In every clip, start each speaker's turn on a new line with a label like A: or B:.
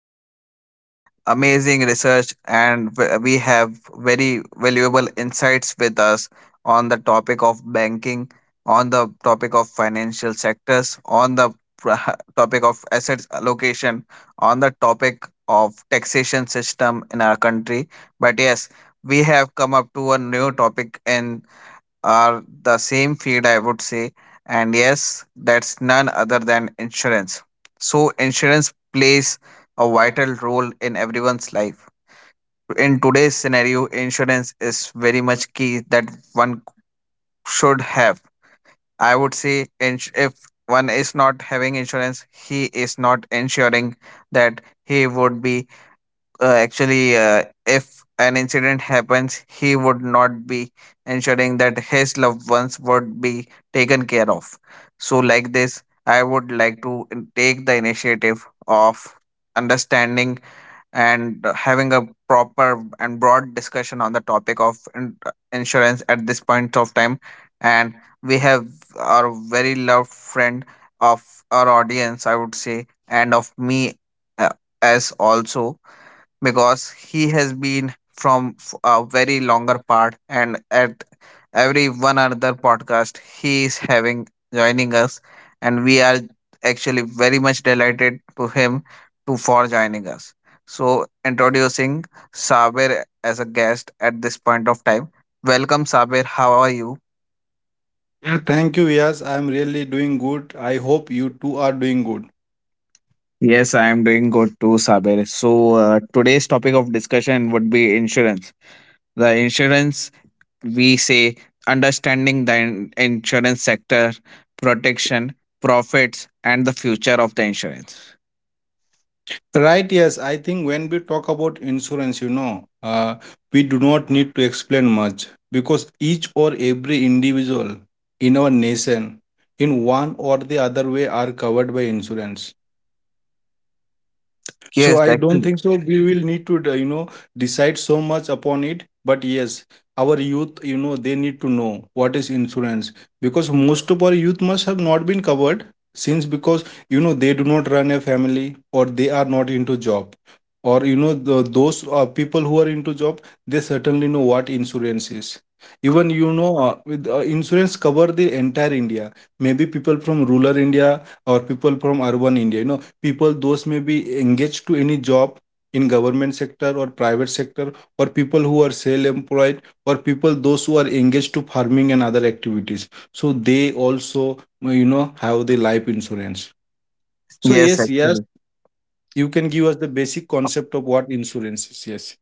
A: we have done amazing research and we have very valuable insights with us on the topic of banking, on the topic of financial sectors, on the topic of assets allocation, on the topic of taxation system in our country. But yes, we have come up to a new topic in are the same field, I would say. And yes, that's none other than insurance. So, insurance plays a vital role in everyone's life. In today's scenario, insurance is very much key that one should have. I would say if one is not having insurance, he is not ensuring that he would be actually if an incident happens, he would not be ensuring that his loved ones would be taken care of. So like this, I would like to take the initiative of understanding and having a proper and broad discussion on the topic of insurance at this point of time. And we have our very loved friend of our audience, I would say, and of me, uh, as also, because he has been from a very longer part, and at every one another podcast he is having joining us. And we are actually very much delighted to him to for joining us. So, introducing Saber as a guest at this point of time. Welcome, Saber. How are you?
B: Yeah, thank you. Yes, I'm really doing good. I hope you too are doing good.
A: Yes, I am doing good too, Sabir. So, today's topic of discussion would be insurance. The insurance, we say, understanding the insurance sector, protection, profits, and the future of the insurance.
B: Right, yes. I think when we talk about insurance, we do not need to explain much because each or every individual in our nation, in one or the other way, are covered by insurance. So I
A: Yes,
B: don't think
A: actually.
B: so. We will need to, decide so much upon it. But yes, our youth, they need to know what is insurance, because most of our youth must have not been covered since because they do not run a family, or they are not into job, or those people who are into job, they certainly know what insurance is. Even, with insurance cover the entire India, maybe people from rural India, or people from urban India, people those may be engaged to any job in government sector or private sector, or people who are self employed, or people those who are engaged to farming and other activities, so they also have the life insurance. So,
A: Yes,
B: yes, yes,
A: actually.
B: you can give us the basic concept of what insurance is. Yes.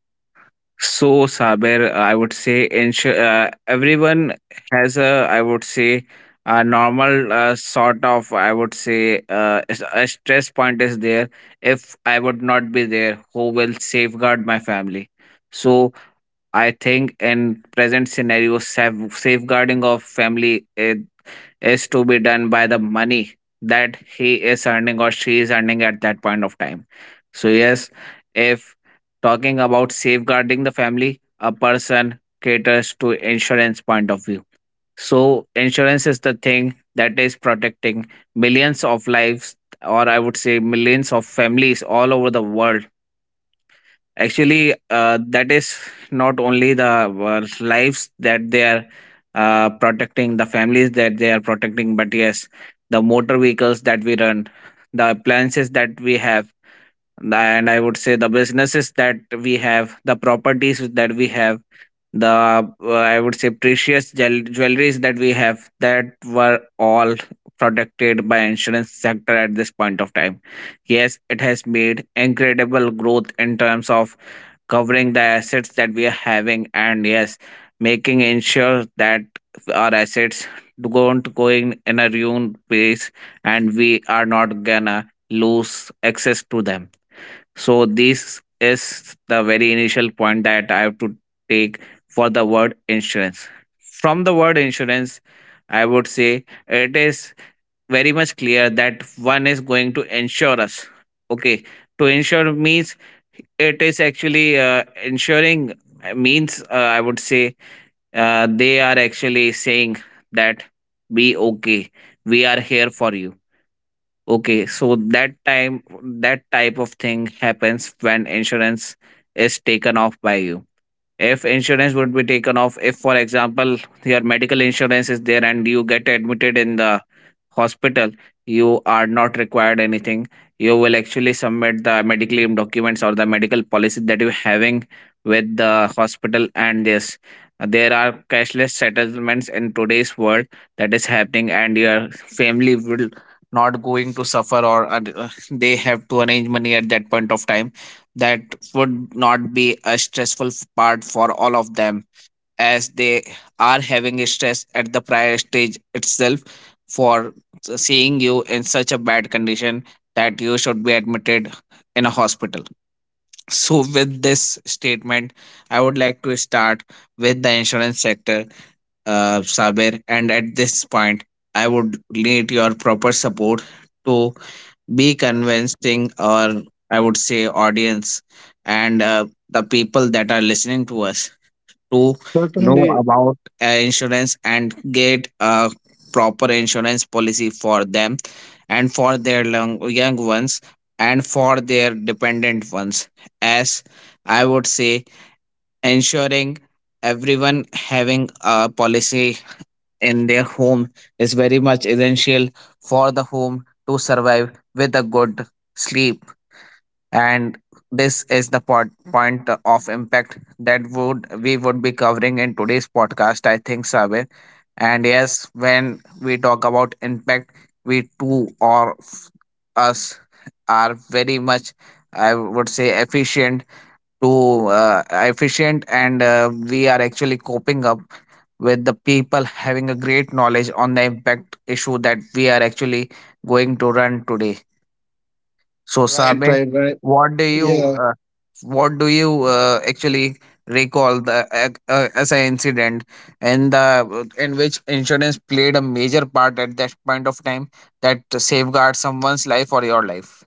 A: So, Saber, I would say everyone has a, I would say, a normal sort of, I would say, a stress point is there. If I would not be there, who will safeguard my family? So, I think in present scenario, safeguarding of family is to be done by the money that he is earning or she is earning at that point of time. So, yes, if talking about safeguarding the family, a person caters to insurance point of view. So, insurance is the thing that is protecting millions of lives, or I would say millions of families all over the world. Actually that is not only the lives that they are protecting, the families that they are protecting, but yes, the motor vehicles that we run, the appliances that we have, and I would say the businesses that we have, the properties that we have, the I would say precious jewelries that we have, that were all protected by insurance sector at this point of time. Yes, it has made incredible growth in terms of covering the assets that we are having. And yes, making ensure that our assets don't go in a ruin place and we are not gonna lose access to them. So this is the very initial point that I have to take for the word insurance. From the word insurance, I would say it is very much clear that one is going to ensure us. Okay, to ensure means it is actually ensuring, means, I would say, they are actually saying that be okay, we are here for you. Okay, so that time that type of thing happens when insurance is taken off by you. If insurance would be taken off, if for example your medical insurance is there and you get admitted in the hospital, you are not required anything. You will actually submit the medical leave documents or the medical policy that you're having with the hospital, and this there are cashless settlements in today's world that is happening, and your family will not going to suffer, or they have to arrange money at that point of time. That would not be a stressful part for all of them, as they are having a stress at the prior stage itself for seeing you in such a bad condition that you should be admitted in a hospital. So, with this statement, I would like to start with the insurance sector, Saber. And at this point, I would need your proper support to be convincing, or I would say, audience and the people that are listening to us to know about insurance and get a proper insurance policy for them and for their long, young ones and for their dependent ones. As I would say, ensuring everyone having a policy in their home is very much essential for the home to survive with a good sleep. And this is the point of impact that would we would be covering in today's podcast, I think, Sabe. And yes, when we talk about impact, we too or us are very much, I would say, efficient to efficient and we are actually coping up with the people having a great knowledge on the impact issue that we are actually going to run today. So,
B: Right,
A: Sabe,
B: right, right.
A: what do you
B: Yeah.
A: uh, what do you actually recall the as an incident and the in which insurance played a major part at that point of time that safeguards someone's life or your life,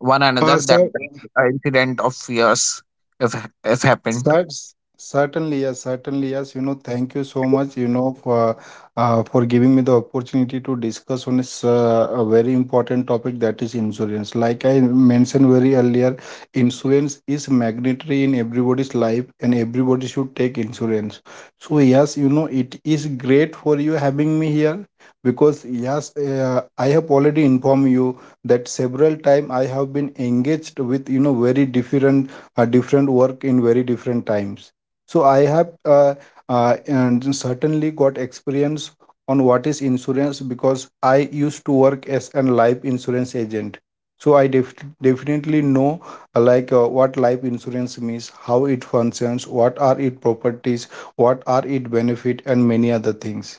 A: one another that
B: Awesome.
A: incident of yours, if if happened.
B: Cert- Certainly, yes, certainly, yes. Thank you so much, for for giving me the opportunity to discuss on this a very important topic that is insurance. Like I mentioned very earlier, insurance is mandatory in everybody's life, and everybody should take insurance. So yes, it is great for you having me here, because yes, I have already informed you that several time I have been engaged with, very different a different work in very different times. So I have and certainly got experience on what is insurance, because I used to work as a life insurance agent. So I definitely know, like, what life insurance means, how it functions, what are its properties, what are its benefit, and many other things.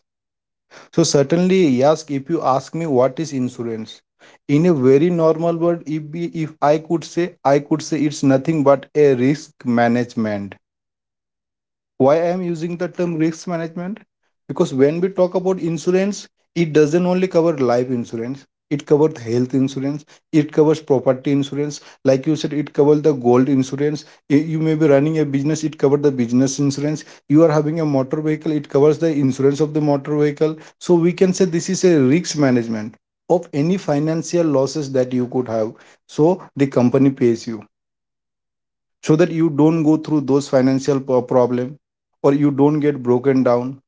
B: So, certainly, yes, if you ask me what is insurance, in a very normal word, if I could say, I could say it's nothing but a risk management. Why I am using the term risk management? Because when we talk about insurance, it doesn't only cover life insurance, it covers health insurance, it covers property insurance, like you said, it covers the gold insurance. You may be running a business, it covers the business insurance. You are having a motor vehicle, it covers the insurance of the motor vehicle. So we can say this is a risk management of any financial losses that you could have. So the company pays you, so that you don't go through those financial problem, or you don't get broken down,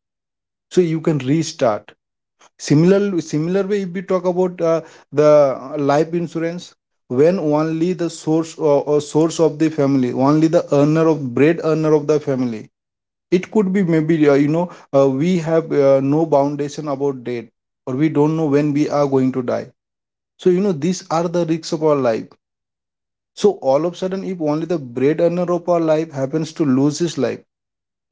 B: so you can restart. Similar way, if we talk about the life insurance, when only the source or source of the family, only the earner of bread earner of the family, it could be maybe, we have, no foundation about death, or we don't know when we are going to die, so these are the risks of our life. So all of a sudden, if only the bread earner of our life happens to lose his life,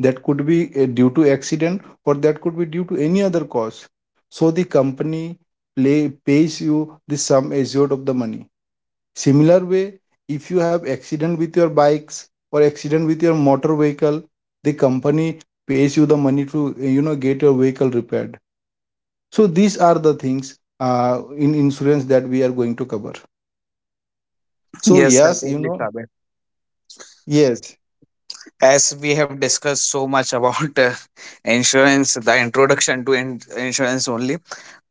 B: that could be due to accident, or that could be due to any other cause, so the company pays you the sum assured of the money. Similar way, if you have accident with your bikes, or accident with your motor vehicle, the company pays you the money to, get your vehicle repaired. So these are the things, in insurance, that we are going to cover. So,
A: Yes,
B: yes,
A: certainly, Sabir.
B: yes.
A: As we have discussed so much about insurance, the introduction to insurance only,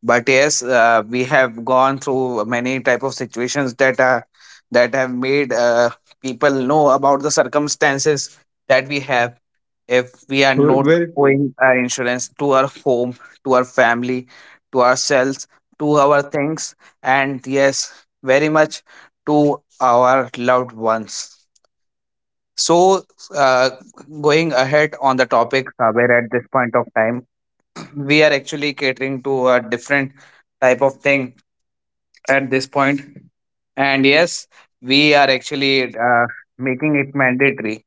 A: but yes, we have gone through many type of situations that are that have made people know about the circumstances that we have if we are not
B: Very true.
A: owing our insurance to our home, to our family, to ourselves, to our things, and yes, very much to our loved ones. So, uh, going ahead on the topic, where at this point of time we are actually catering to a different type of thing at this point. And yes, we are actually making it mandatory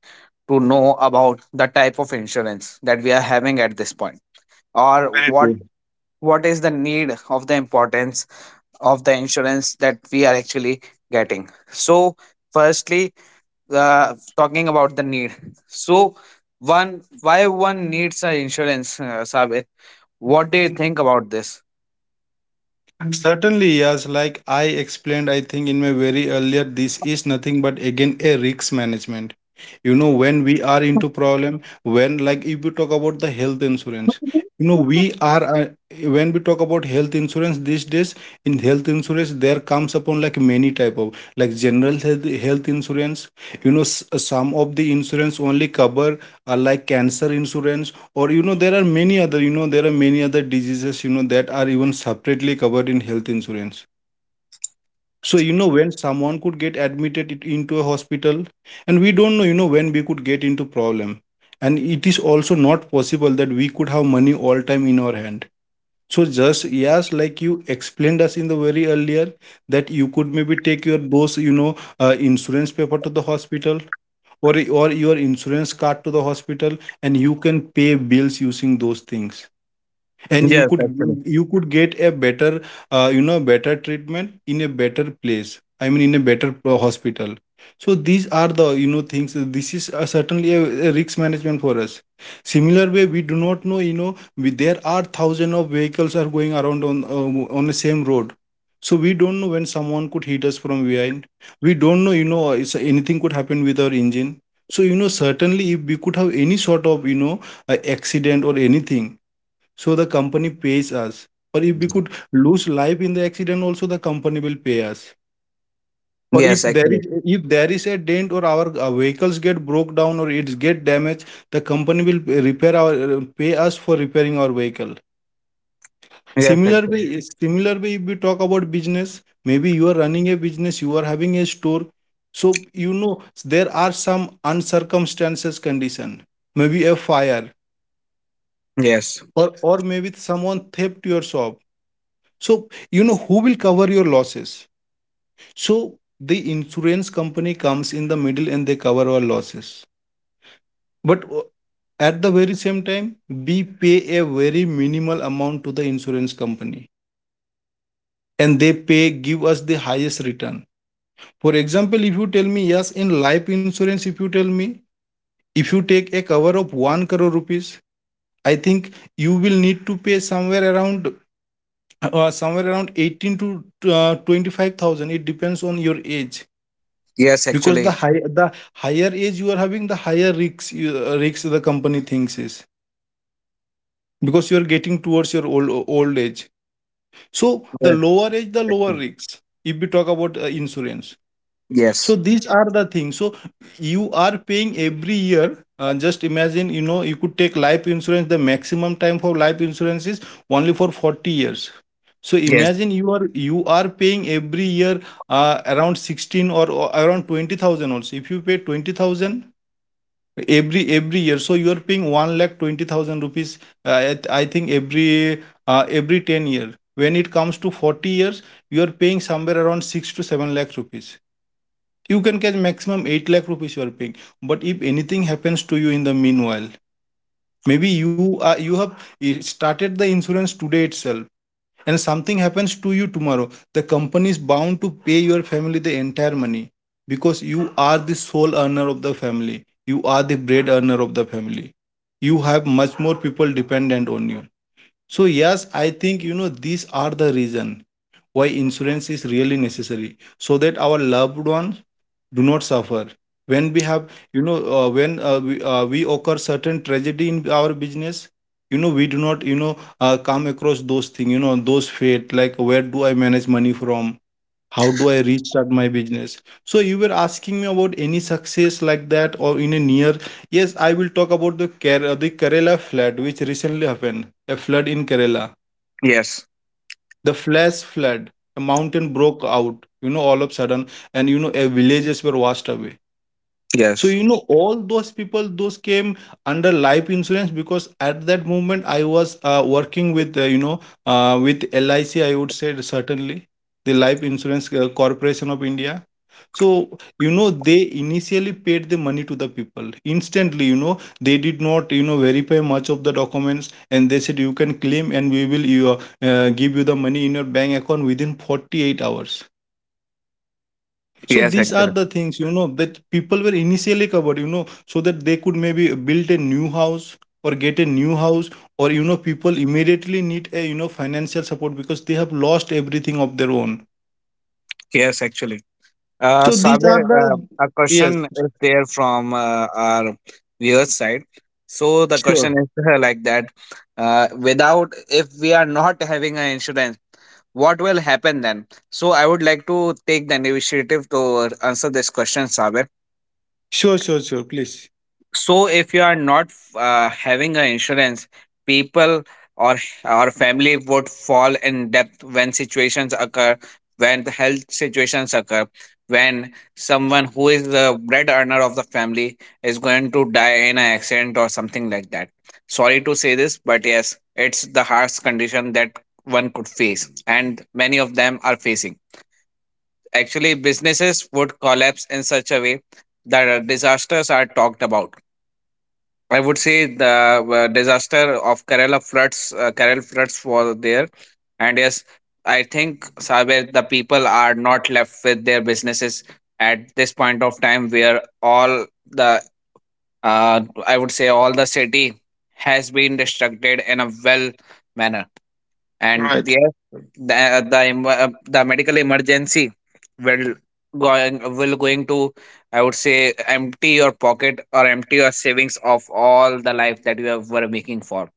A: to know about the type of insurance that we are having at this point, or
B: Very true.
A: what is the need of the importance of the insurance that we are actually getting. So, firstly, talking about the need, so one why one needs an insurance, Sabir? What do you think about this?
B: Certainly, yes. Like I explained, I think in my very earlier, this is nothing but again a risk management. When we are into problem, when, like, if we talk about the health insurance, you know we are when we talk about health insurance these days, in health insurance there comes upon like many type of, like general health insurance. Some of the insurance only cover, like cancer insurance, or there are many other diseases, that are even separately covered in health insurance. So, when someone could get admitted into a hospital, and we don't know, when we could get into problem. And it is also not possible that we could have money all time in our hand. So, just, yes, like you explained us in the very earlier, that you could maybe take your those, insurance paper to the hospital, or your insurance card to the hospital, and you can pay bills using those things, and you
A: Yes,
B: could
A: actually.
B: you could get a better, better treatment in a better place, I mean in a better hospital. So these are the, things. This is, certainly, a risk management for us. Similar way, we do not know, there are thousand of vehicles are going around on the same road, so we don't know when someone could hit us from behind. We don't know, anything could happen with our engine. So certainly, if we could have any sort of, accident or anything, so the company pays us. Or if we could lose life in the accident, also the company will pay us. Or if
A: Yes,
B: there
A: actually.
B: is if there is a dent, or our vehicles get broke down, or it's get damaged, the company will repair our pay us for repairing our vehicle.
A: Yes,
B: Similar
A: actually.
B: way, similar way, if we talk about business, maybe you are running a business, you are having a store. So, there are some uncircumstances condition, maybe a fire,
A: Yes,
B: or maybe someone theft your shop. So who will cover your losses? So the insurance company comes in the middle and they cover our losses. But, at the very same time, we pay a very minimal amount to the insurance company, and they pay give us the highest return. For example, if you tell me, yes, in life insurance, if you take a cover of 1 crore rupees, I think you will need to pay somewhere around 18 to 25,000, it depends on your age,
A: Yes,
B: because the
A: actually.
B: high the higher age you are having, the higher risks, risks the company thinks is, because you are getting towards your old old age, so the
A: Yes,
B: lower age, the lower
A: actually.
B: risks. If we talk about insurance, so
A: Yes.
B: these are the things. So you are paying every year, just imagine, you could take life insurance. The maximum time for life insurance is only for 40 years. So
A: Yes.
B: imagine, you are paying every year, around 16, or around 20,000. Also, if you pay 20,000 every year, so you are paying 1 lakh 20,000 rupees. I think every, every 10 year, when it comes to 40 years, you are paying somewhere around 6 to 7 lakh rupees. You can catch maximum 8 lakh rupees you are paying. But if anything happens to you in the meanwhile, maybe you have started the insurance today itself, and something happens to you tomorrow, the company is bound to pay your family the entire money, because you are the sole earner of the family, you are the bread earner of the family, you have much more people dependent on you. So, yes, I think, these are the reason why insurance is really necessary, so that our loved ones do not suffer, when we have, when, we occur certain tragedy in our business. We do not, come across those things, those fate, like, where do I manage money from? How do I restart my business? So you were asking me about any success like that, or in a near. Yes, I will talk about the Kerala flood which recently happened, a flood in Kerala,
A: Yes.
B: the flash flood. A mountain broke out, all of a sudden, and a villages were washed away. So
A: Yes.
B: all those people those came under life insurance, because at that moment I was, working with you know with LIC, I would say, certainly, the Life Insurance Corporation of India. So they initially paid the money to the people instantly, they did not, verify much of the documents, and They said, "You can claim and we will give you the money in your bank account within 48 hours." So
A: Yes,
B: these are
A: actually.
B: the things, that people were initially covered, so that they could maybe build a new house or get a new house or, people immediately need a, financial support because they have lost everything of their own.
A: Yes, actually.
B: So these are
A: Sabir,
B: the,
A: a
B: yes.
A: question is there from our viewers side. So the
B: Sure.
A: question is like that: without, if we are not having an insurance, what will happen then? So I would like to take the initiative to answer this question, Sabir.
B: Sure, sure, sure, please.
A: So if you are not having an insurance, people or our family would fall in depth when situations occur, when the health situations occur, when someone who is the bread earner of the family is going to die in an accident or something like that. Sorry to say this, but yes, it's the harsh condition that one could face and many of them are facing. Actually, businesses would collapse in such a way that disasters are talked about. I would say the disaster of Kerala floods was there, and yes, I think Saber, the people are not left with their businesses at this point of time, where all the I would say all the city has been destructed in a well manner. And
B: Right.
A: yes, the the medical emergency will will going to, I would say, empty your pocket or empty your savings of all the life that you have were making for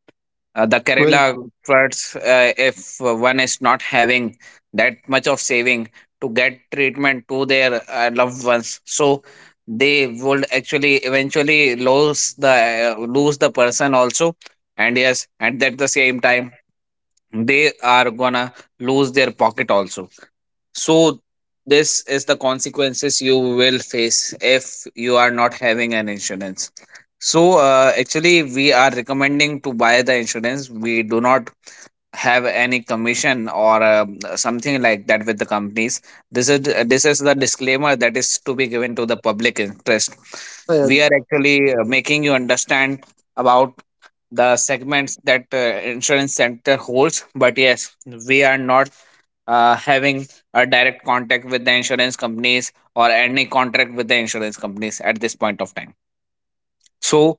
A: the
B: Very
A: Kerala
B: true.
A: floods, if one is not having that much of saving to get treatment to their loved ones. So they would actually eventually lose the person also, and yes, and at the same time they are gonna lose their pocket also. So, this is the consequences you will face if you are not having an insurance. So, actually, we are recommending to buy the insurance. We do not have any commission or something like that with the companies. This is this is the disclaimer that is to be given to the public interest.
B: Yeah,
A: We are actually making you understand about the segments that insurance center holds, but yes, we are not having a direct contact with the insurance companies or any contract with the insurance companies at this point of time. So,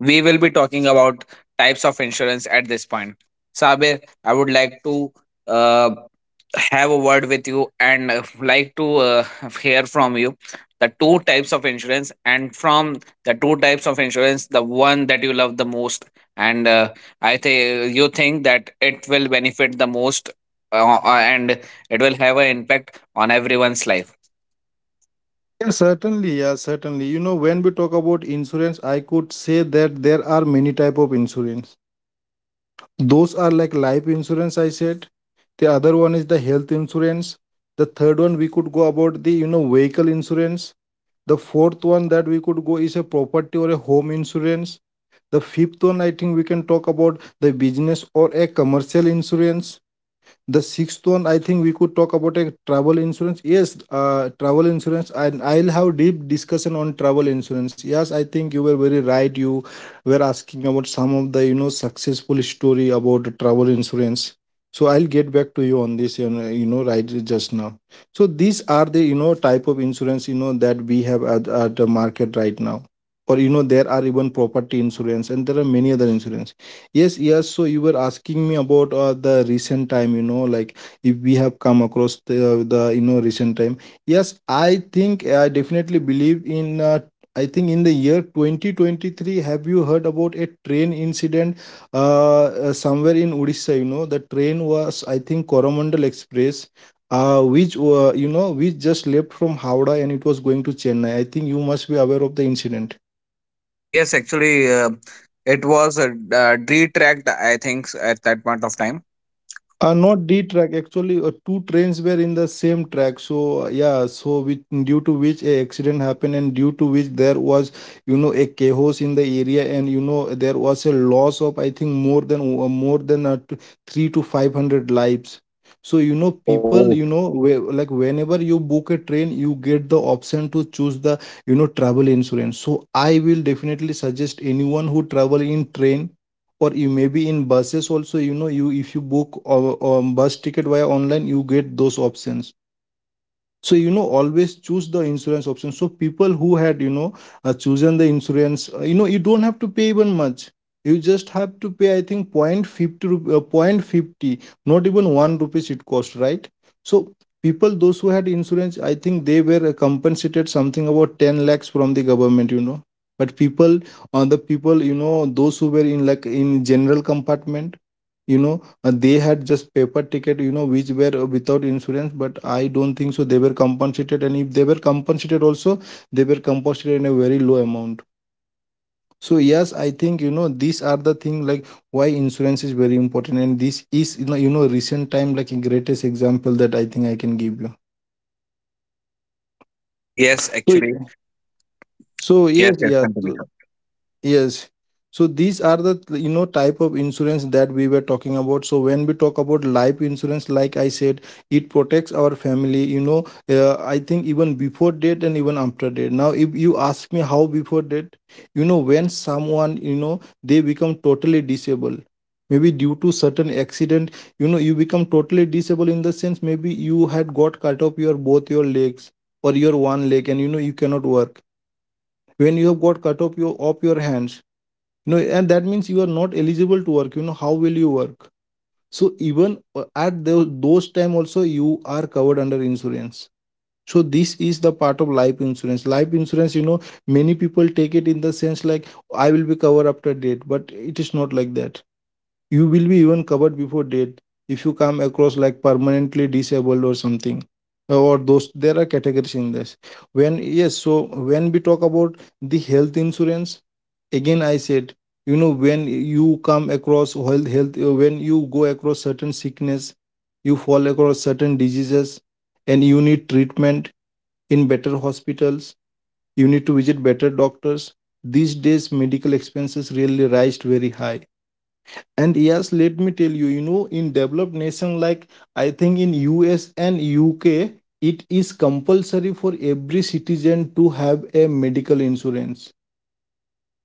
A: we will be talking about types of insurance at this point. Sabir, I would like to uh, have a word with you and like to hear from you the two types of insurance, and from the two types of insurance, the one that you love the most, and I think you think that it will benefit the most, and it will have an impact on everyone's life.
B: yeah, certainly, yeah, certainly. You know, when we talk about insurance, I could say that there are many type of insurance. Those are like life insurance, I said. The other one is the health insurance. The third one, we could go about the vehicle insurance. The fourth one that we could go is a property or a home insurance. The fifth one, I think we can talk about the business or a commercial insurance. The sixth one, I think we could talk about a travel insurance. Yes, travel insurance, and I'll have deep discussion on travel insurance. Yes, I think you were very right. You were asking about some of the successful story about the travel insurance. So I'll get back to you on this. Right just now. So these are the type of insurance that we have at the market right now, or there are even property insurance and there are many other insurance. Yes, yes. So you were asking me about the recent time, you know, like if we have come across the recent time. Yes, I think I definitely believe in. I think in the year 2023, have you heard about a train incident somewhere in Odisha? You know, the train was, I think, Coromandel Express, which, which just left from Howrah and it was going to Chennai. I think you must be aware of the incident.
A: Yes, actually, it was a, detract, I think, at that point of time.
B: Not D track. Actually, two trains were in the same track. So yeah, so with, due to which a accident happened, and due to which there was, you know, a chaos in the area, and you know there was a loss of, I think, more than three to five hundred lives. So you know,
A: Oh,
B: people, you know, like whenever you book a train, you get the option to choose the travel insurance. So I will definitely suggest anyone who travel in train, or you maybe in buses also, you know, you if you book or bus ticket via online, you get those options. So you know, always choose the insurance option. So people who had chosen the insurance, you don't have to pay even much. You just have to pay, I think, 0.50, not even 1 rupees it cost, right? So people those who had insurance, I think they were compensated something about 10 lakhs from the government, you know. But people, on the people, you know, those who were in like in general
A: okay.
B: compartment, you know, they had just paper
A: So this
B: ticket, you
A: is
B: know, which
A: very
B: were
A: much
B: without
A: insight.
B: insurance, but I don't think so they were compensated. And if they were compensated also, they were compensated in a very low amount. So yes, I think, you know, these are the thing like why insurance is very important. And this is, you know, recent time, like a greatest example that I think I can give you.
A: Yes,
B: So,
A: actually.
B: so
A: Yes,
B: yes,
A: yes,
B: yes.
A: continue, sir.
B: Yes. So these are the type of insurance that we were talking about. So when we talk about life insurance, like I said, it protects our family. You know, I think even before death and even after death. Now, if you ask me how before death, you know, when someone, you know, they become totally disabled, maybe due to certain accident, you know, you become totally disabled in the sense maybe you had got cut off your both your legs or your one leg, and you know you cannot work. When you have got cut off your hands, no, and that means you are not eligible to work. You know, how will you work? So even at those time also you are covered under insurance. So this is the part of life insurance. Life insurance, you know, many people take it in the sense like I will be covered after death, but it is not like that. You will be even covered before death if you come across like permanently disabled or something. Or those, there are categories in this. When, yes, so when we talk about the health insurance, again I said, you know, when you come across health health when you go across certain sickness, you fall across certain diseases and you need treatment in better hospitals, you need to visit better doctors. These days medical expenses really rise very high. And yes, let me tell you, you know, in developed nation like, I think, in US and UK, it is compulsory for every citizen to have a medical insurance.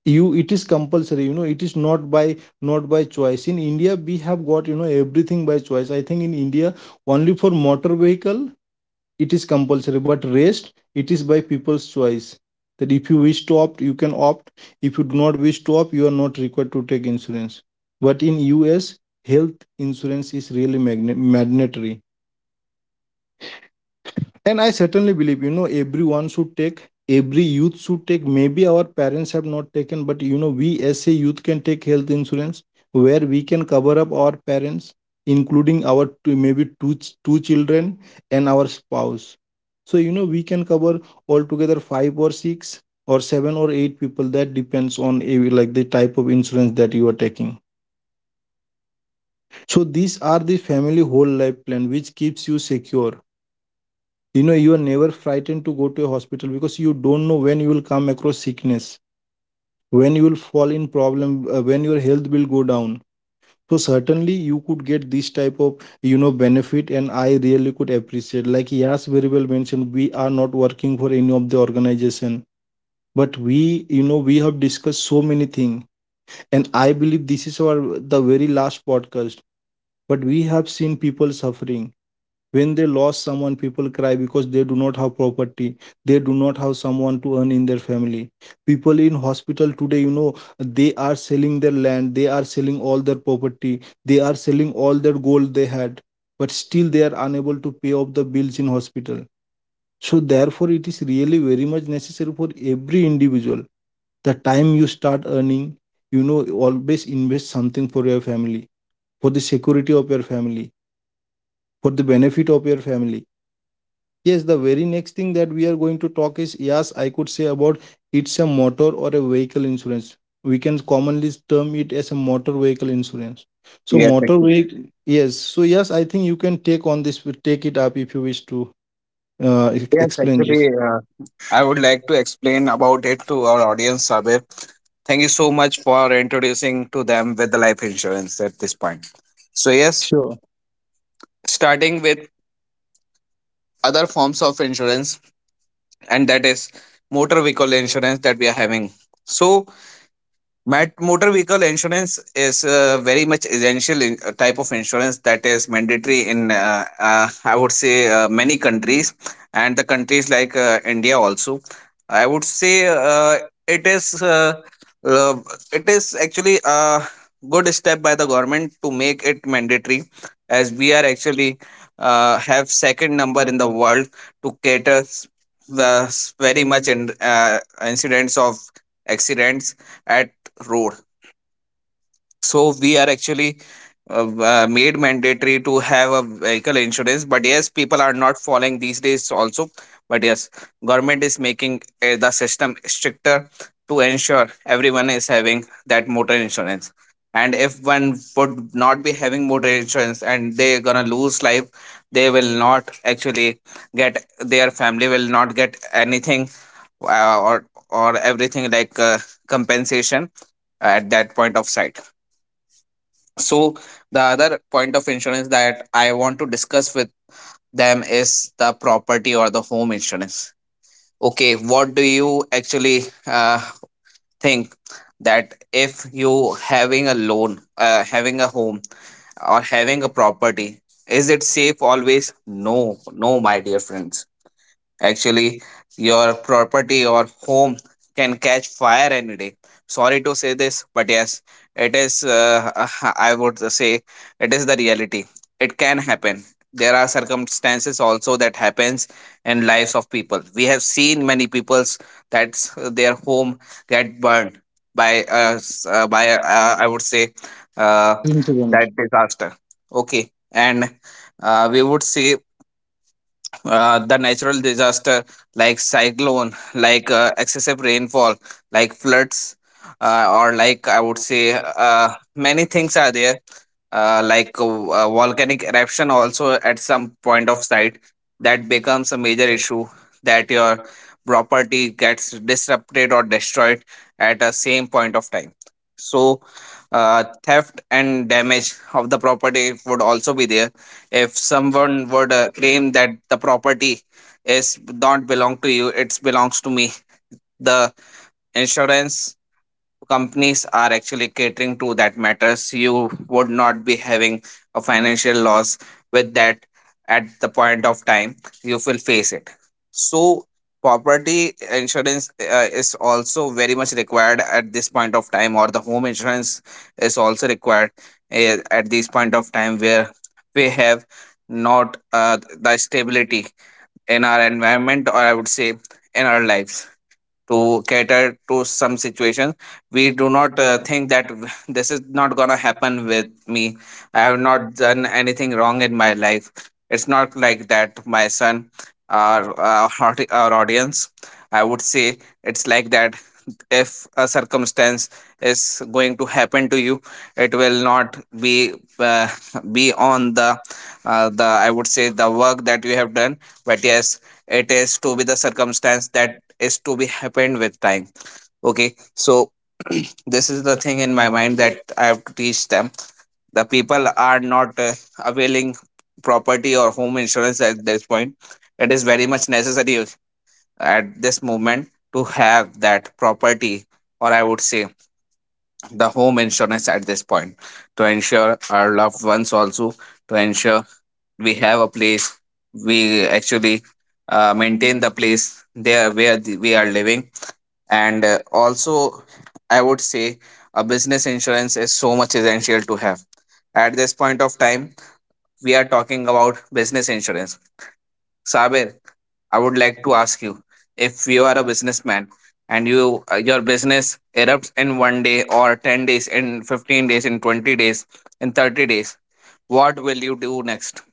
B: You, it is compulsory. You know, it is not by choice. In India, we have got, you know, everything by choice. I think in India, only for motor vehicle it is compulsory, but rest it is by people's choice, that if you wish to opt you can opt, if you do not wish to opt you are not required to take insurance. But in US, health insurance is really mandatory. And I certainly believe, you know, everyone should take, every youth should take. Maybe our parents have not taken, but you know, we as a youth can take health insurance where we can cover up our parents, including our two, maybe two children and our spouse. So you know, we can cover altogether five or six or seven or eight people. That depends on a, like the type of insurance that you are taking. So these are the family whole life plan which keeps you secure. You know, you are never frightened to go to a hospital because you don't know when you will come across sickness, when you will fall in problem, when your health will go down. So certainly you could get this type of, you know, benefit. And I really could appreciate, like Yas very well mentioned, we are not working for any of the organization, but we, you know, we have discussed so many things, and I believe this is our the very last podcast. But we have seen people suffering. When they lost someone, people cry because they do not have property, they do not have someone to earn in their family. People in hospital today, you know, they are selling their land, they are selling all their property, they are selling all their gold they had, but still they are unable to pay off the bills in hospital. So therefore, it is really very much necessary for every individual, the time you start earning, you know, always invest something for your family, for the security of your family, for the benefit of your family. Yes, the very next thing that we are going to talk is, yes, I could say about, it's a motor or a vehicle insurance. We can commonly term it as a motor vehicle insurance. So
A: Yes,
B: motor
A: actually.
B: vehicle, yes. So yes, I think you can take on this, take it up if you wish to
A: Yes,
B: explain this.
A: actually, I would like to explain about it to our audience, Sabir. Thank you so much for introducing to them with the life insurance at this point. So yes, starting with other forms of insurance, and that is motor vehicle insurance that we are having. So motor vehicle insurance is very much essential in, type of insurance that is mandatory in I would say many countries, and the countries like India also. I would say it is uh, uh, it is actually a good step by the government to make it mandatory, as we are actually have second number in the world to cater very much in incidents of accidents at road. So we are actually made mandatory to have a vehicle insurance, but yes, people are not following these days also. But yes, government is making the system stricter to ensure everyone is having that motor insurance. And if one would not be having motor insurance and they're gonna lose life, they will not actually get, their family will not get anything, or everything like compensation at that point of sight. So the other point of insurance that I want to discuss with them is the property or the home insurance. Okay, what do you actually uh, think that if you having a loan, having a home, or having a property, is it safe always? No, no, my dear friends. Actually, your property or home can catch fire any day. Sorry to say this, but yes, it is, I would say, it is the reality. It can happen. There are circumstances also that happens in lives of people. We have seen many people's that their home get burned by I would say uh,
B: Sure.
A: that disaster. Okay, and we would say the natural disaster, like cyclone, like excessive rainfall, like floods, or like I would say many things are there, uh, like uh, volcanic eruption also at some point of site, that becomes a major issue, that your property gets disrupted or destroyed at a same point of time. So theft and damage of the property would also be there. If someone would claim that the property is not belong to you, it belongs to me, the insurance companies are actually catering to that matters. You would not be having a financial loss with that at the point of time you will face it. So property insurance is also very much required at this point of time, or the home insurance is also required at this point of time, where we have not the stability in our environment, or I would say in our lives, to cater to some situations. We do not think that this is not going to happen with me, I have not done anything wrong in my life. It's not like that, my son, our audience. I would say it's like that: if a circumstance is going to happen to you, it will not be uh, be on the I would say the work that you have done. But yes, it is to be the circumstance that is to be happened with time. Okay, so this is the thing in my mind that I have to teach them. The people are not availing property or home insurance at this point. It is very much necessary at this moment to have that property, or I would say the home insurance at this point, to ensure our loved ones also, to ensure we have a place, we actually maintain the place there where the, we are living. And also I would say a business insurance is so much essential to have at this point of time. We are talking about business insurance. Sabir, I would like to ask you, if you are a businessman and you your business erupts in one day or 10 days in 15 days in 20 days in 30 days, what will you do next?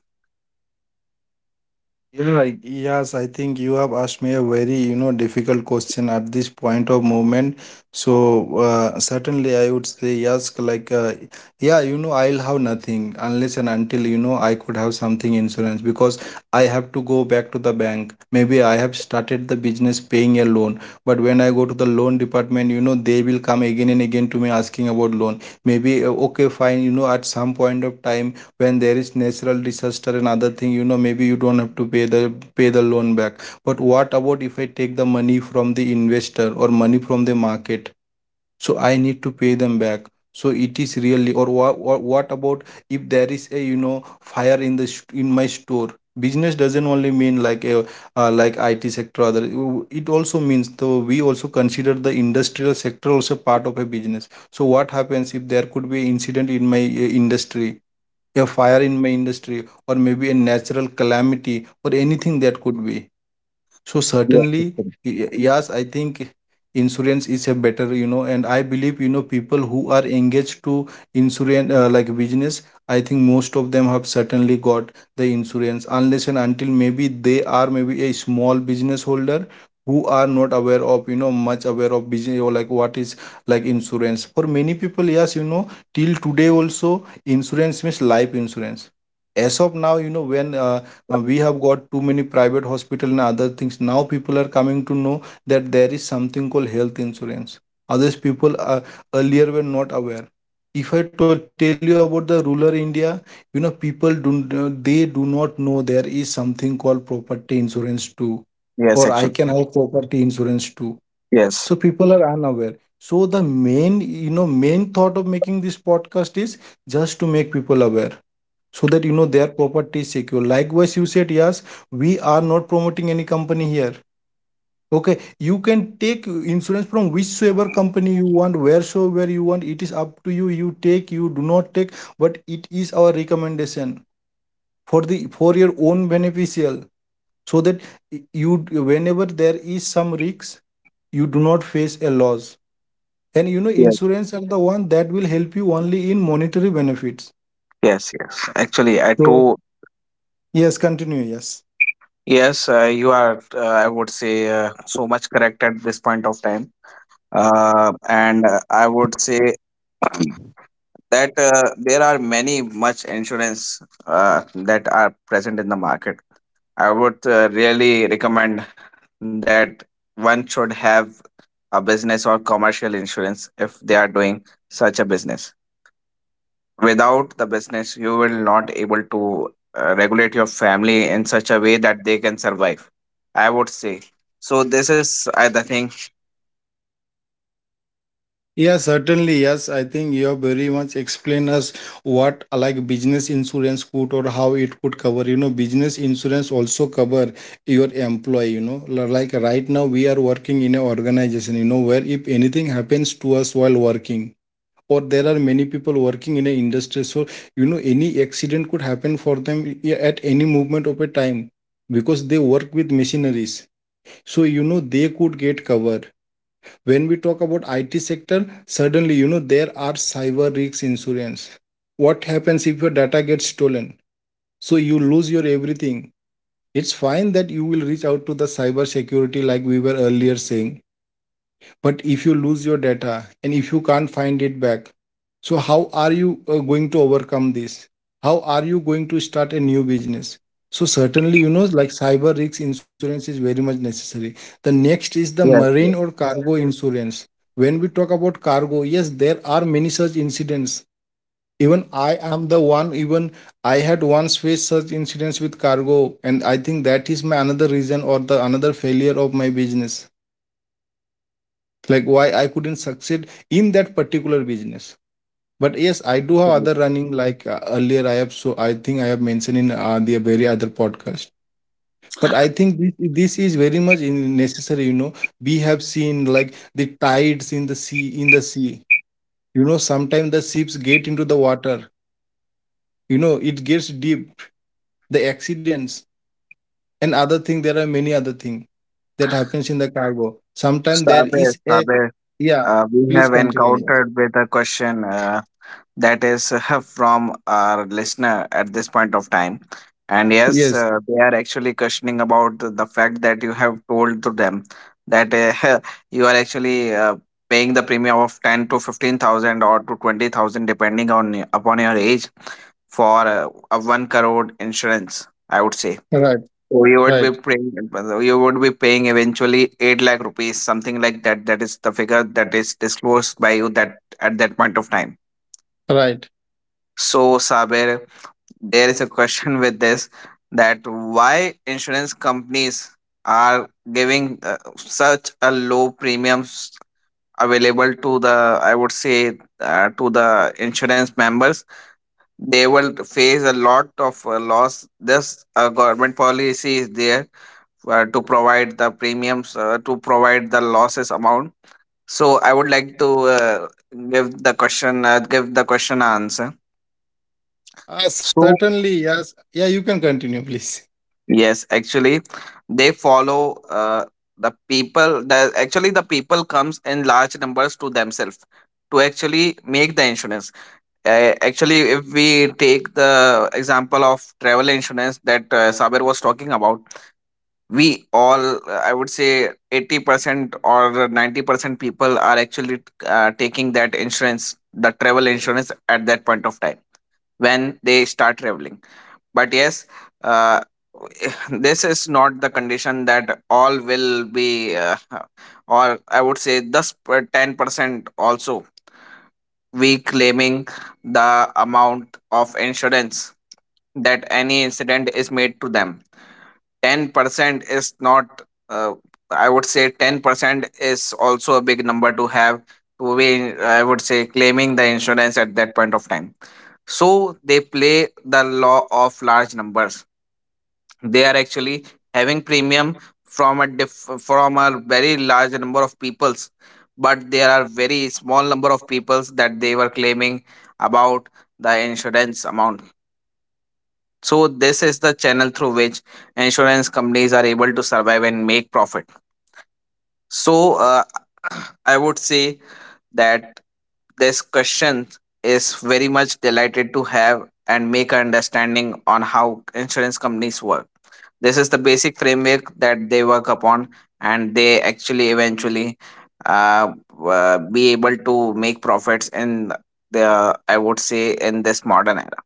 B: Yes, I think you have asked me a very, you know, difficult question at this point of moment. So, certainly I would say yes, like, yeah, you know, I'll have nothing unless and until, you know, I could have something insurance, because I have to go back to the bank. Maybe I have started the business paying a loan, but when I go to the loan department, you know, they will come again and again to me asking about loan. Maybe, okay, fine, you know, at some point of time, when there is natural disaster and other thing, you know, maybe you don't have to pay the loan back. But what about if I take the money from the investor or money from the market? So I need to pay them back. So it is really, or what about if there is, a you know, fire in the in my store? Business doesn't only mean like a like IT sector, other. It also means, though, we also consider the industrial sector also part of a business. So what happens if there could be incident in my industry, a fire in my industry, or maybe a natural calamity or anything that could be? So certainly, yes, I think insurance is a better, you know, and I believe, you know, people who are engaged to insurance like business, I think most of them have certainly got the insurance, unless and until maybe they are maybe a small business holder who are not aware of, you know, much aware of business or like what is like insurance. For many people, yes, you know, till today also insurance means life insurance. As of now, you know, when we have got too many private hospital and other things. Now people are coming to know that there is something called health insurance. Others people earlier were not aware. If I tell you about the rural India, you know, people do, they do not know there is something called property insurance too, or
A: Yes,
B: I can
A: actually.
B: have property insurance too. So
A: Yes.
B: people are unaware. So the main, you know, main thought of making this podcast is just to make people aware, so that, you know, their property is secure. Likewise you said, yes, we are not promoting any company here. Okay, you can take insurance from whichsoever company you want, wheresoever you want. It is up to you, you take, you do not take, but it is our recommendation for the for your own beneficial, so that you, whenever there is some risks, you do not face a loss. And you know,
A: Yes.
B: insurance are the one that will help you only in monetary benefits.
A: Yes. Yes. Actually, I
B: So
A: too.
B: yes, continue, yes.
A: Yes, you are, I would say, so much correct at this point of time. And I would say that there are many much insurance that are present in the market. I would really recommend that one should have a business or commercial insurance if they are doing such a business. Without the business you will not able to regulate your family in such a way that they can survive, I would say. So this is the thing.
B: Yeah, certainly. Yes, I think you have very much explained us what like business insurance could, or how it could cover. You know, business insurance also cover your employee. You know, like right now we are working in an organization. You know, where if anything happens to us while working, or there are many people working in an industry, so you know, any accident could happen for them at any moment of a time, because they work with machineries. So you know, they could get cover. When we talk about IT sector, suddenly you know, there are cyber risks insurance. What happens if your data gets stolen? So you lose your everything. It's fine that you will reach out to the cyber security like we were earlier saying, but if you lose your data and if you can't find it back, so how are you going to overcome this? How are you going to start a new business? So certainly, you know, like cyber risk insurance is very much necessary. The next is the
A: Yes,
B: marine or
A: yes.
B: cargo insurance. When we talk about cargo, yes, there are many such incidents. Even I am the one, even I had once faced such incidents with cargo, and I think that is my another reason, or the another failure of my business, like why I couldn't succeed in that particular business. But yes, I
A: Yes,
B: do have
A: actually.
B: other running, like earlier I have, so I think I have mentioned in the very other podcast. But I think this is very much in necessary. You know, we have seen like the tides in the sea, you know, sometimes the ships get into the water, you know, it gets deep, the accidents and other thing. There are many other thing that happens in the cargo. Sometimes there
A: Sabe,
B: is a,
A: Sabe,
B: yeah,
A: we
B: please
A: have
B: continue, yes.
A: encountered with a question, that is from our listener at this point of time. And yes,
B: Yes,
A: they are actually questioning about the fact that you have told to them that you are actually paying the premium of 10 to 15,000 or to 20,000 depending on upon your age for a 1 crore insurance, I would say.
B: right,
A: So you would be
B: right.
A: paying, you would be paying eventually 8 lakh rupees, something like that. That is the figure that is disclosed by you that at that point of time.
B: Right.
A: So, Saber, there is a question with this, that why insurance companies are giving such a low premiums available to the, I would say to the insurance members. They will face a lot of loss. This government policy is there to provide the losses amount. So, I would like to give the question answer. So,
B: Certainly, yes. Yeah, you can continue, please.
A: yes, actually, they follow the people. The actually the people comes in large numbers to themselves to actually make the insurance. Actually, if we take the example of travel insurance that Saber was talking about, we all, I would say, 80% or 90% people are actually taking that insurance, the travel insurance, at that point of time when they start traveling. But yes, uh, this is not the condition that all will be or I would say thus 10% also we claiming the amount of insurance, that any incident is made to them. 10% is not uh, I would say 10% is also a big number to have, to be I would say claiming the insurance at that point of time. So they play the law of large numbers. They are actually having premium from a from a very large number of peoples, but there are very small number of peoples that they were claiming about the insurance amount. So this is the channel through which insurance companies are able to survive and make profit. So I would say that this question is very much delighted to have and make an understanding on how insurance companies work. This is the basic framework that they work upon, and they actually eventually uh, be able to make profits in the, I would say in this modern era.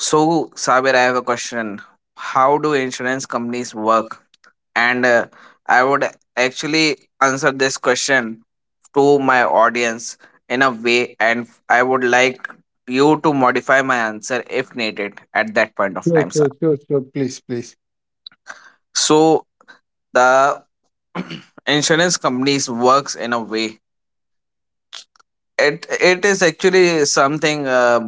A: So, Sabir, I have a question. How do insurance companies work? And I would actually answer this question to my audience in a way, and I would like you to modify my answer if needed at that point of time,
B: Sure,
A: sir.
B: sure, sure, sure. Please, please.
A: So the insurance companies works in a way, it is actually something,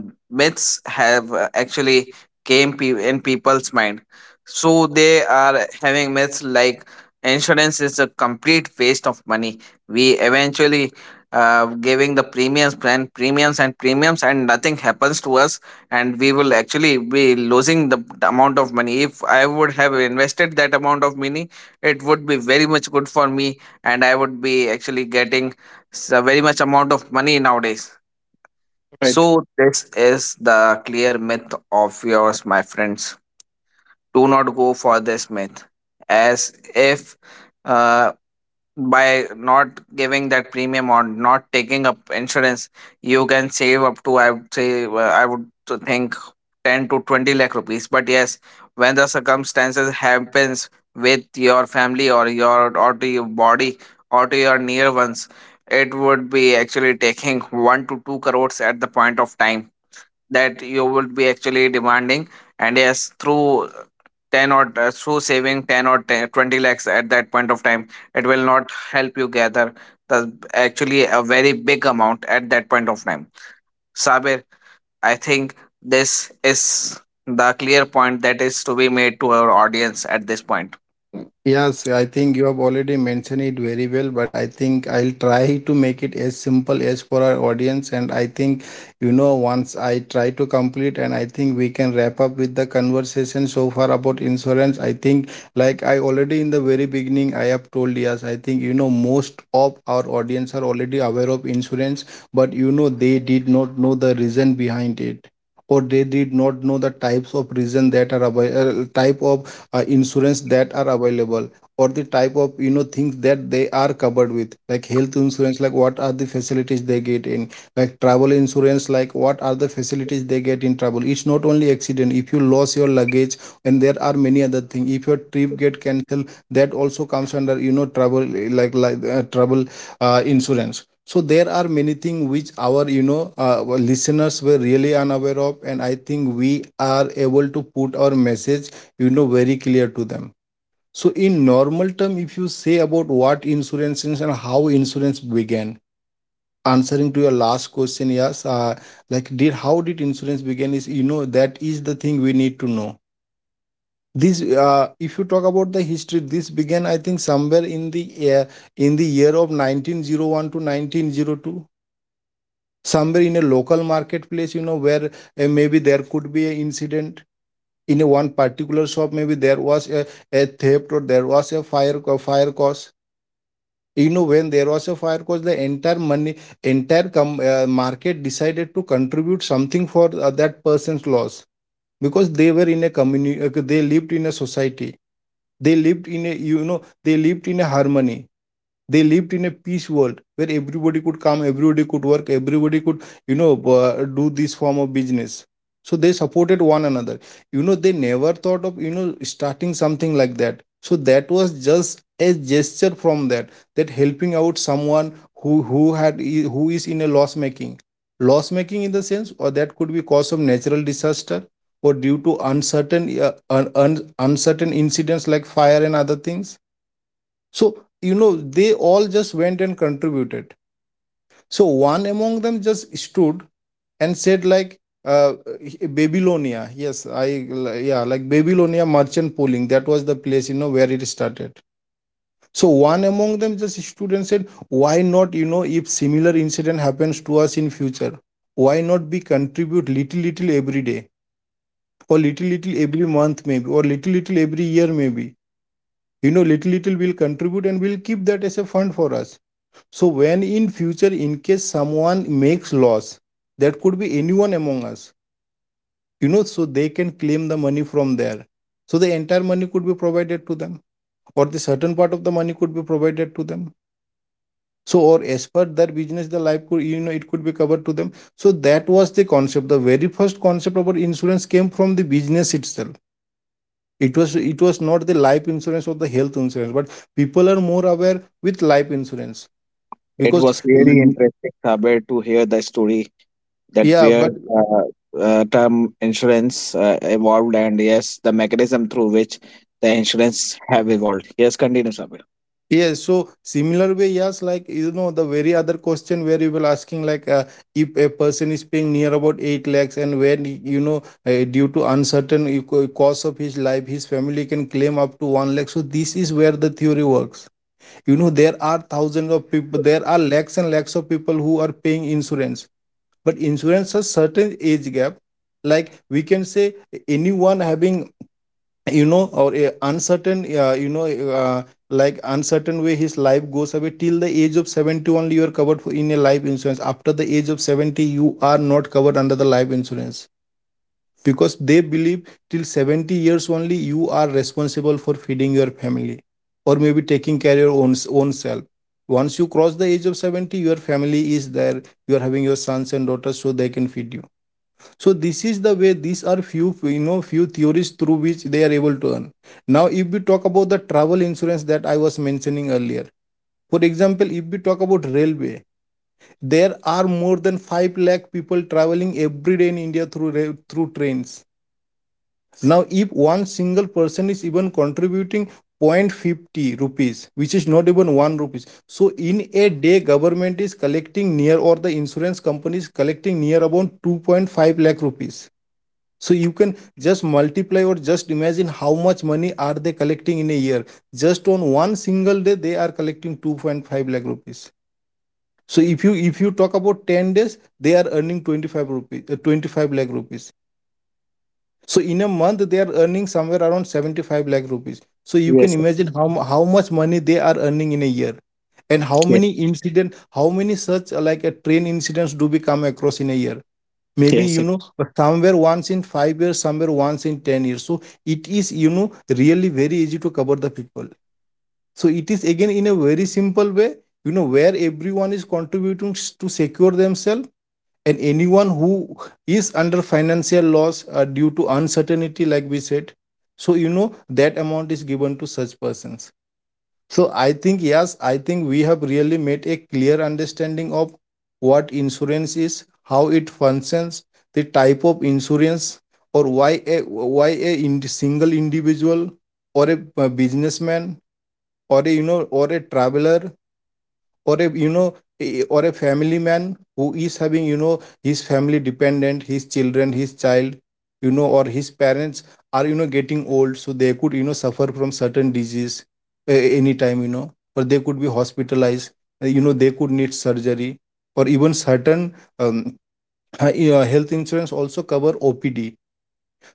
A: myths have actually in people's mind. So they are having myths like insurance is a complete waste of money, we eventually giving the premiums and premiums and premiums and nothing happens to us, and we will actually be losing the amount of money. If I would have invested that amount of money, it would be very much good for me, and I would be actually getting, it's a very much amount of money nowadays.
B: Right.
A: So this is the clear myth of yours, my friends. Do not go for this myth, as if uh, by not giving that premium or not taking up insurance you can save up to, I would say I would to think, 10 to 20 lakh rupees. But yes, when the circumstances happens with your family or your or to your body or to your near ones, it would be actually taking 1 to 2 crores at the point of time that you would be actually demanding. And yes, through 10 or through saving 10 or 10, 20 lakhs at that point of time, it will not help you gather the, actually a very big amount at that point of time. Sabir, I think this is the clear point that is to be made to our audience at this point.
B: Yes, I think you have already mentioned it very well, but I think I'll try to make it as simple as for our audience. And I think, you know, once I try to complete and I think we can wrap up with the conversation so far about insurance. I think, like I already in the very beginning, I have told, yes, I think, you know, most of our audience are already aware of insurance, but you know, they did not know the reason behind it. Or they did not know the types of reason that are available, type of insurance that are available, or the type of, you know, things that they are covered with. Like health insurance, like what are the facilities they get in, like travel insurance, like what are the facilities they get in travel. It's not only accident, if you lose your luggage, and there are many other things, if your trip get cancelled, that also comes under, you know, travel, like travel insurance. So there are many things which our, you know, listeners were really unaware of, and I think we are able to put our message, you know, very clear to them. So in normal term, if you say about what
A: Yes,
B: insurance is and
A: actually,
B: how
A: Sabir,
B: insurance
A: you are,
B: began,
A: yeah, too much,
B: answering to your last question, yes, like, did, how did insurance begin is, you know, that is the thing we need to know. This If you talk about the history, this began, I think, somewhere uh, in the year of 1901 to 1902, somewhere in a local marketplace. You know, where maybe there could be an incident in a one particular shop, maybe there was a theft, or there was a fire cause. You know, when there was a fire cause, the entire money, entire market decided to contribute something for that person's loss, because they were in a community. They lived in a society, they lived in a, you know, they lived in a harmony, they lived in a peace world, where everybody could come, everybody could work, everybody could, you know, uh, do this form of business. So they supported one another. You know, they never thought of, you know, starting something like that. So that was just a gesture from that, helping out someone who had who is in a loss making, loss making in the sense, or that could be cause of natural disaster, or due to uncertain incidents like fire and other things. So, you know, they all just went and contributed. So, one among them just stood and said, like, Babylonia, yeah, like Babylonia merchant pooling. That was the place, you know, where it started. So, one among them just stood and said, why not, you know, if similar incident happens to us in future, why not we contribute little, little every day, or little, little every month, maybe, or little, little every year, maybe. You know, little, little will contribute and we'll keep that as a fund for us, so when in future, in case someone makes loss, that could be anyone among us, you know, so they can claim the money from there. So the entire money could be provided to them, or the certain part of the money could be provided to them, so, or as per their business the life could, you know, it could be covered to them. So that was the concept, the very first concept about insurance came from the business itself. It was not the life insurance or the health insurance, but people are more aware with life insurance,
A: it
B: because,
A: was really
B: mm,
A: interesting, Sabir, to hear the story that
B: yeah,
A: where
B: but
A: uh, term insurance evolved, and yes, the mechanism through which the insurance have evolved. Yes, continue, Sabir.
B: yes, so similar way, yes, like, you know, the very other question where you were asking, like, if a person is paying near about 8 lakhs, and when you know, due to uncertain cost of his life, his family can claim up to 1 lakh. So, this is where the theory works. You know, there are thousands of people, there are lakhs and lakhs of people who are paying insurance, but insurance has certain age gap. Like, we can say anyone having, you know, or uncertain, like uncertain way his life goes away. Till the age of 70 only you are covered for in a life insurance. After the age of 70, you are not covered under the life insurance, because they believe till 70 years only you are responsible for feeding your family, or maybe taking care your own self. Once you cross the age of 70, your family is there, you are having your sons and daughters, so they can feed you. So this is the way, these are few, you know, few theories through which they are able to earn. Now, if we talk about the travel insurance that I was mentioning earlier, for example, if we talk about railway, there are more than 5 lakh people traveling every day in India, through trains. Now if one single person is even contributing 0.50 rupees, which is not even 1 rupees, so in a day government is collecting near, or the insurance company is collecting near about 2.5 lakh rupees. So you can just multiply or just imagine how much money are they collecting in a year. Just on one single day, they are collecting 2.5 lakh rupees. So if you talk about 10 days, they are earning 25 rupees, 25 lakh rupees. So in a month, they are earning somewhere around 75 lakh rupees. So you
A: Yes,
B: can imagine how, how much money they are earning in a year, and how
A: yes,
B: many incident, how many such like a train incidents do we come across in a year? Maybe
A: yes.
B: you know, somewhere once in 5 years, somewhere once in 10 years. So it is, you know, really very easy to cover the people. So it is again in a very simple way, you know, where everyone is contributing to secure themselves, and anyone who is under financial loss due to uncertainty like we said. So, you know, that amount is given to such persons. So I think, yes, I think we have really made a clear understanding of what insurance is, how it functions, the type of insurance, or why a, ind-, single individual, or a, businessman, or a, you know, or a traveler, or a, you know, or a family man, who is having, you know, his family dependent, his children, his child, you know, or his parents are, you know, getting old, so they could, you know, suffer from certain disease anytime, you know, or they could be hospitalized, you know, they could need surgery, or even certain, um, health insurance also cover OPD.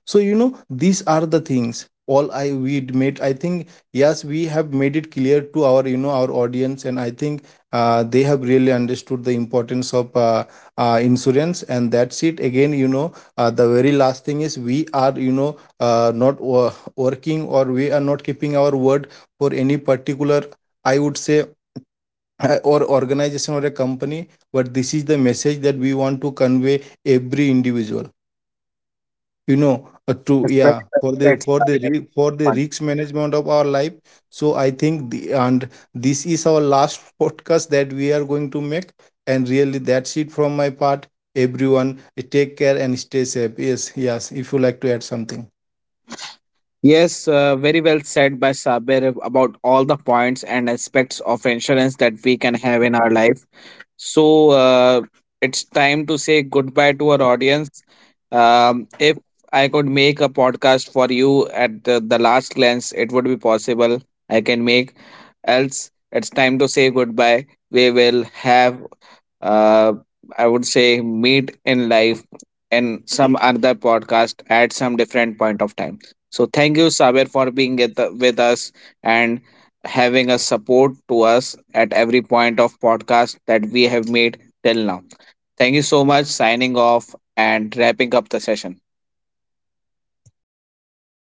B: So you know, these are the things all I we made, I think. Yes, we have made it clear to our, you know, our audience, and I think they have really understood the importance of insurance. And that's it again, you know, the very last thing is, we are, you know, not working, or we are not keeping our word for any particular, I would say, or organization or a company. But this is the message that we want to convey every individual, you know, to,
A: Yes, very
B: yeah,
A: well
B: for the
A: said, Sabir.
B: for the
A: Fun.
B: risk management of our life. So I think and this is our last podcast that we are going to make, and really, that's it from my part. Everyone, take care and stay safe. Yes, yes, if you like to add something.
A: Yes, very well said by Sabir about all the points and aspects of insurance that we can have in our life. So it's time to say goodbye to our audience. If I could make a podcast for you at the last glance, it would be possible. I can make. Else, it's time to say goodbye. We will have uh, I would say meet in life and some other podcast at some different point of time. So thank you, Saber, for being at with us and having a support to us at every point of podcast that we have made till now. Thank you so much. Signing off and wrapping up the session.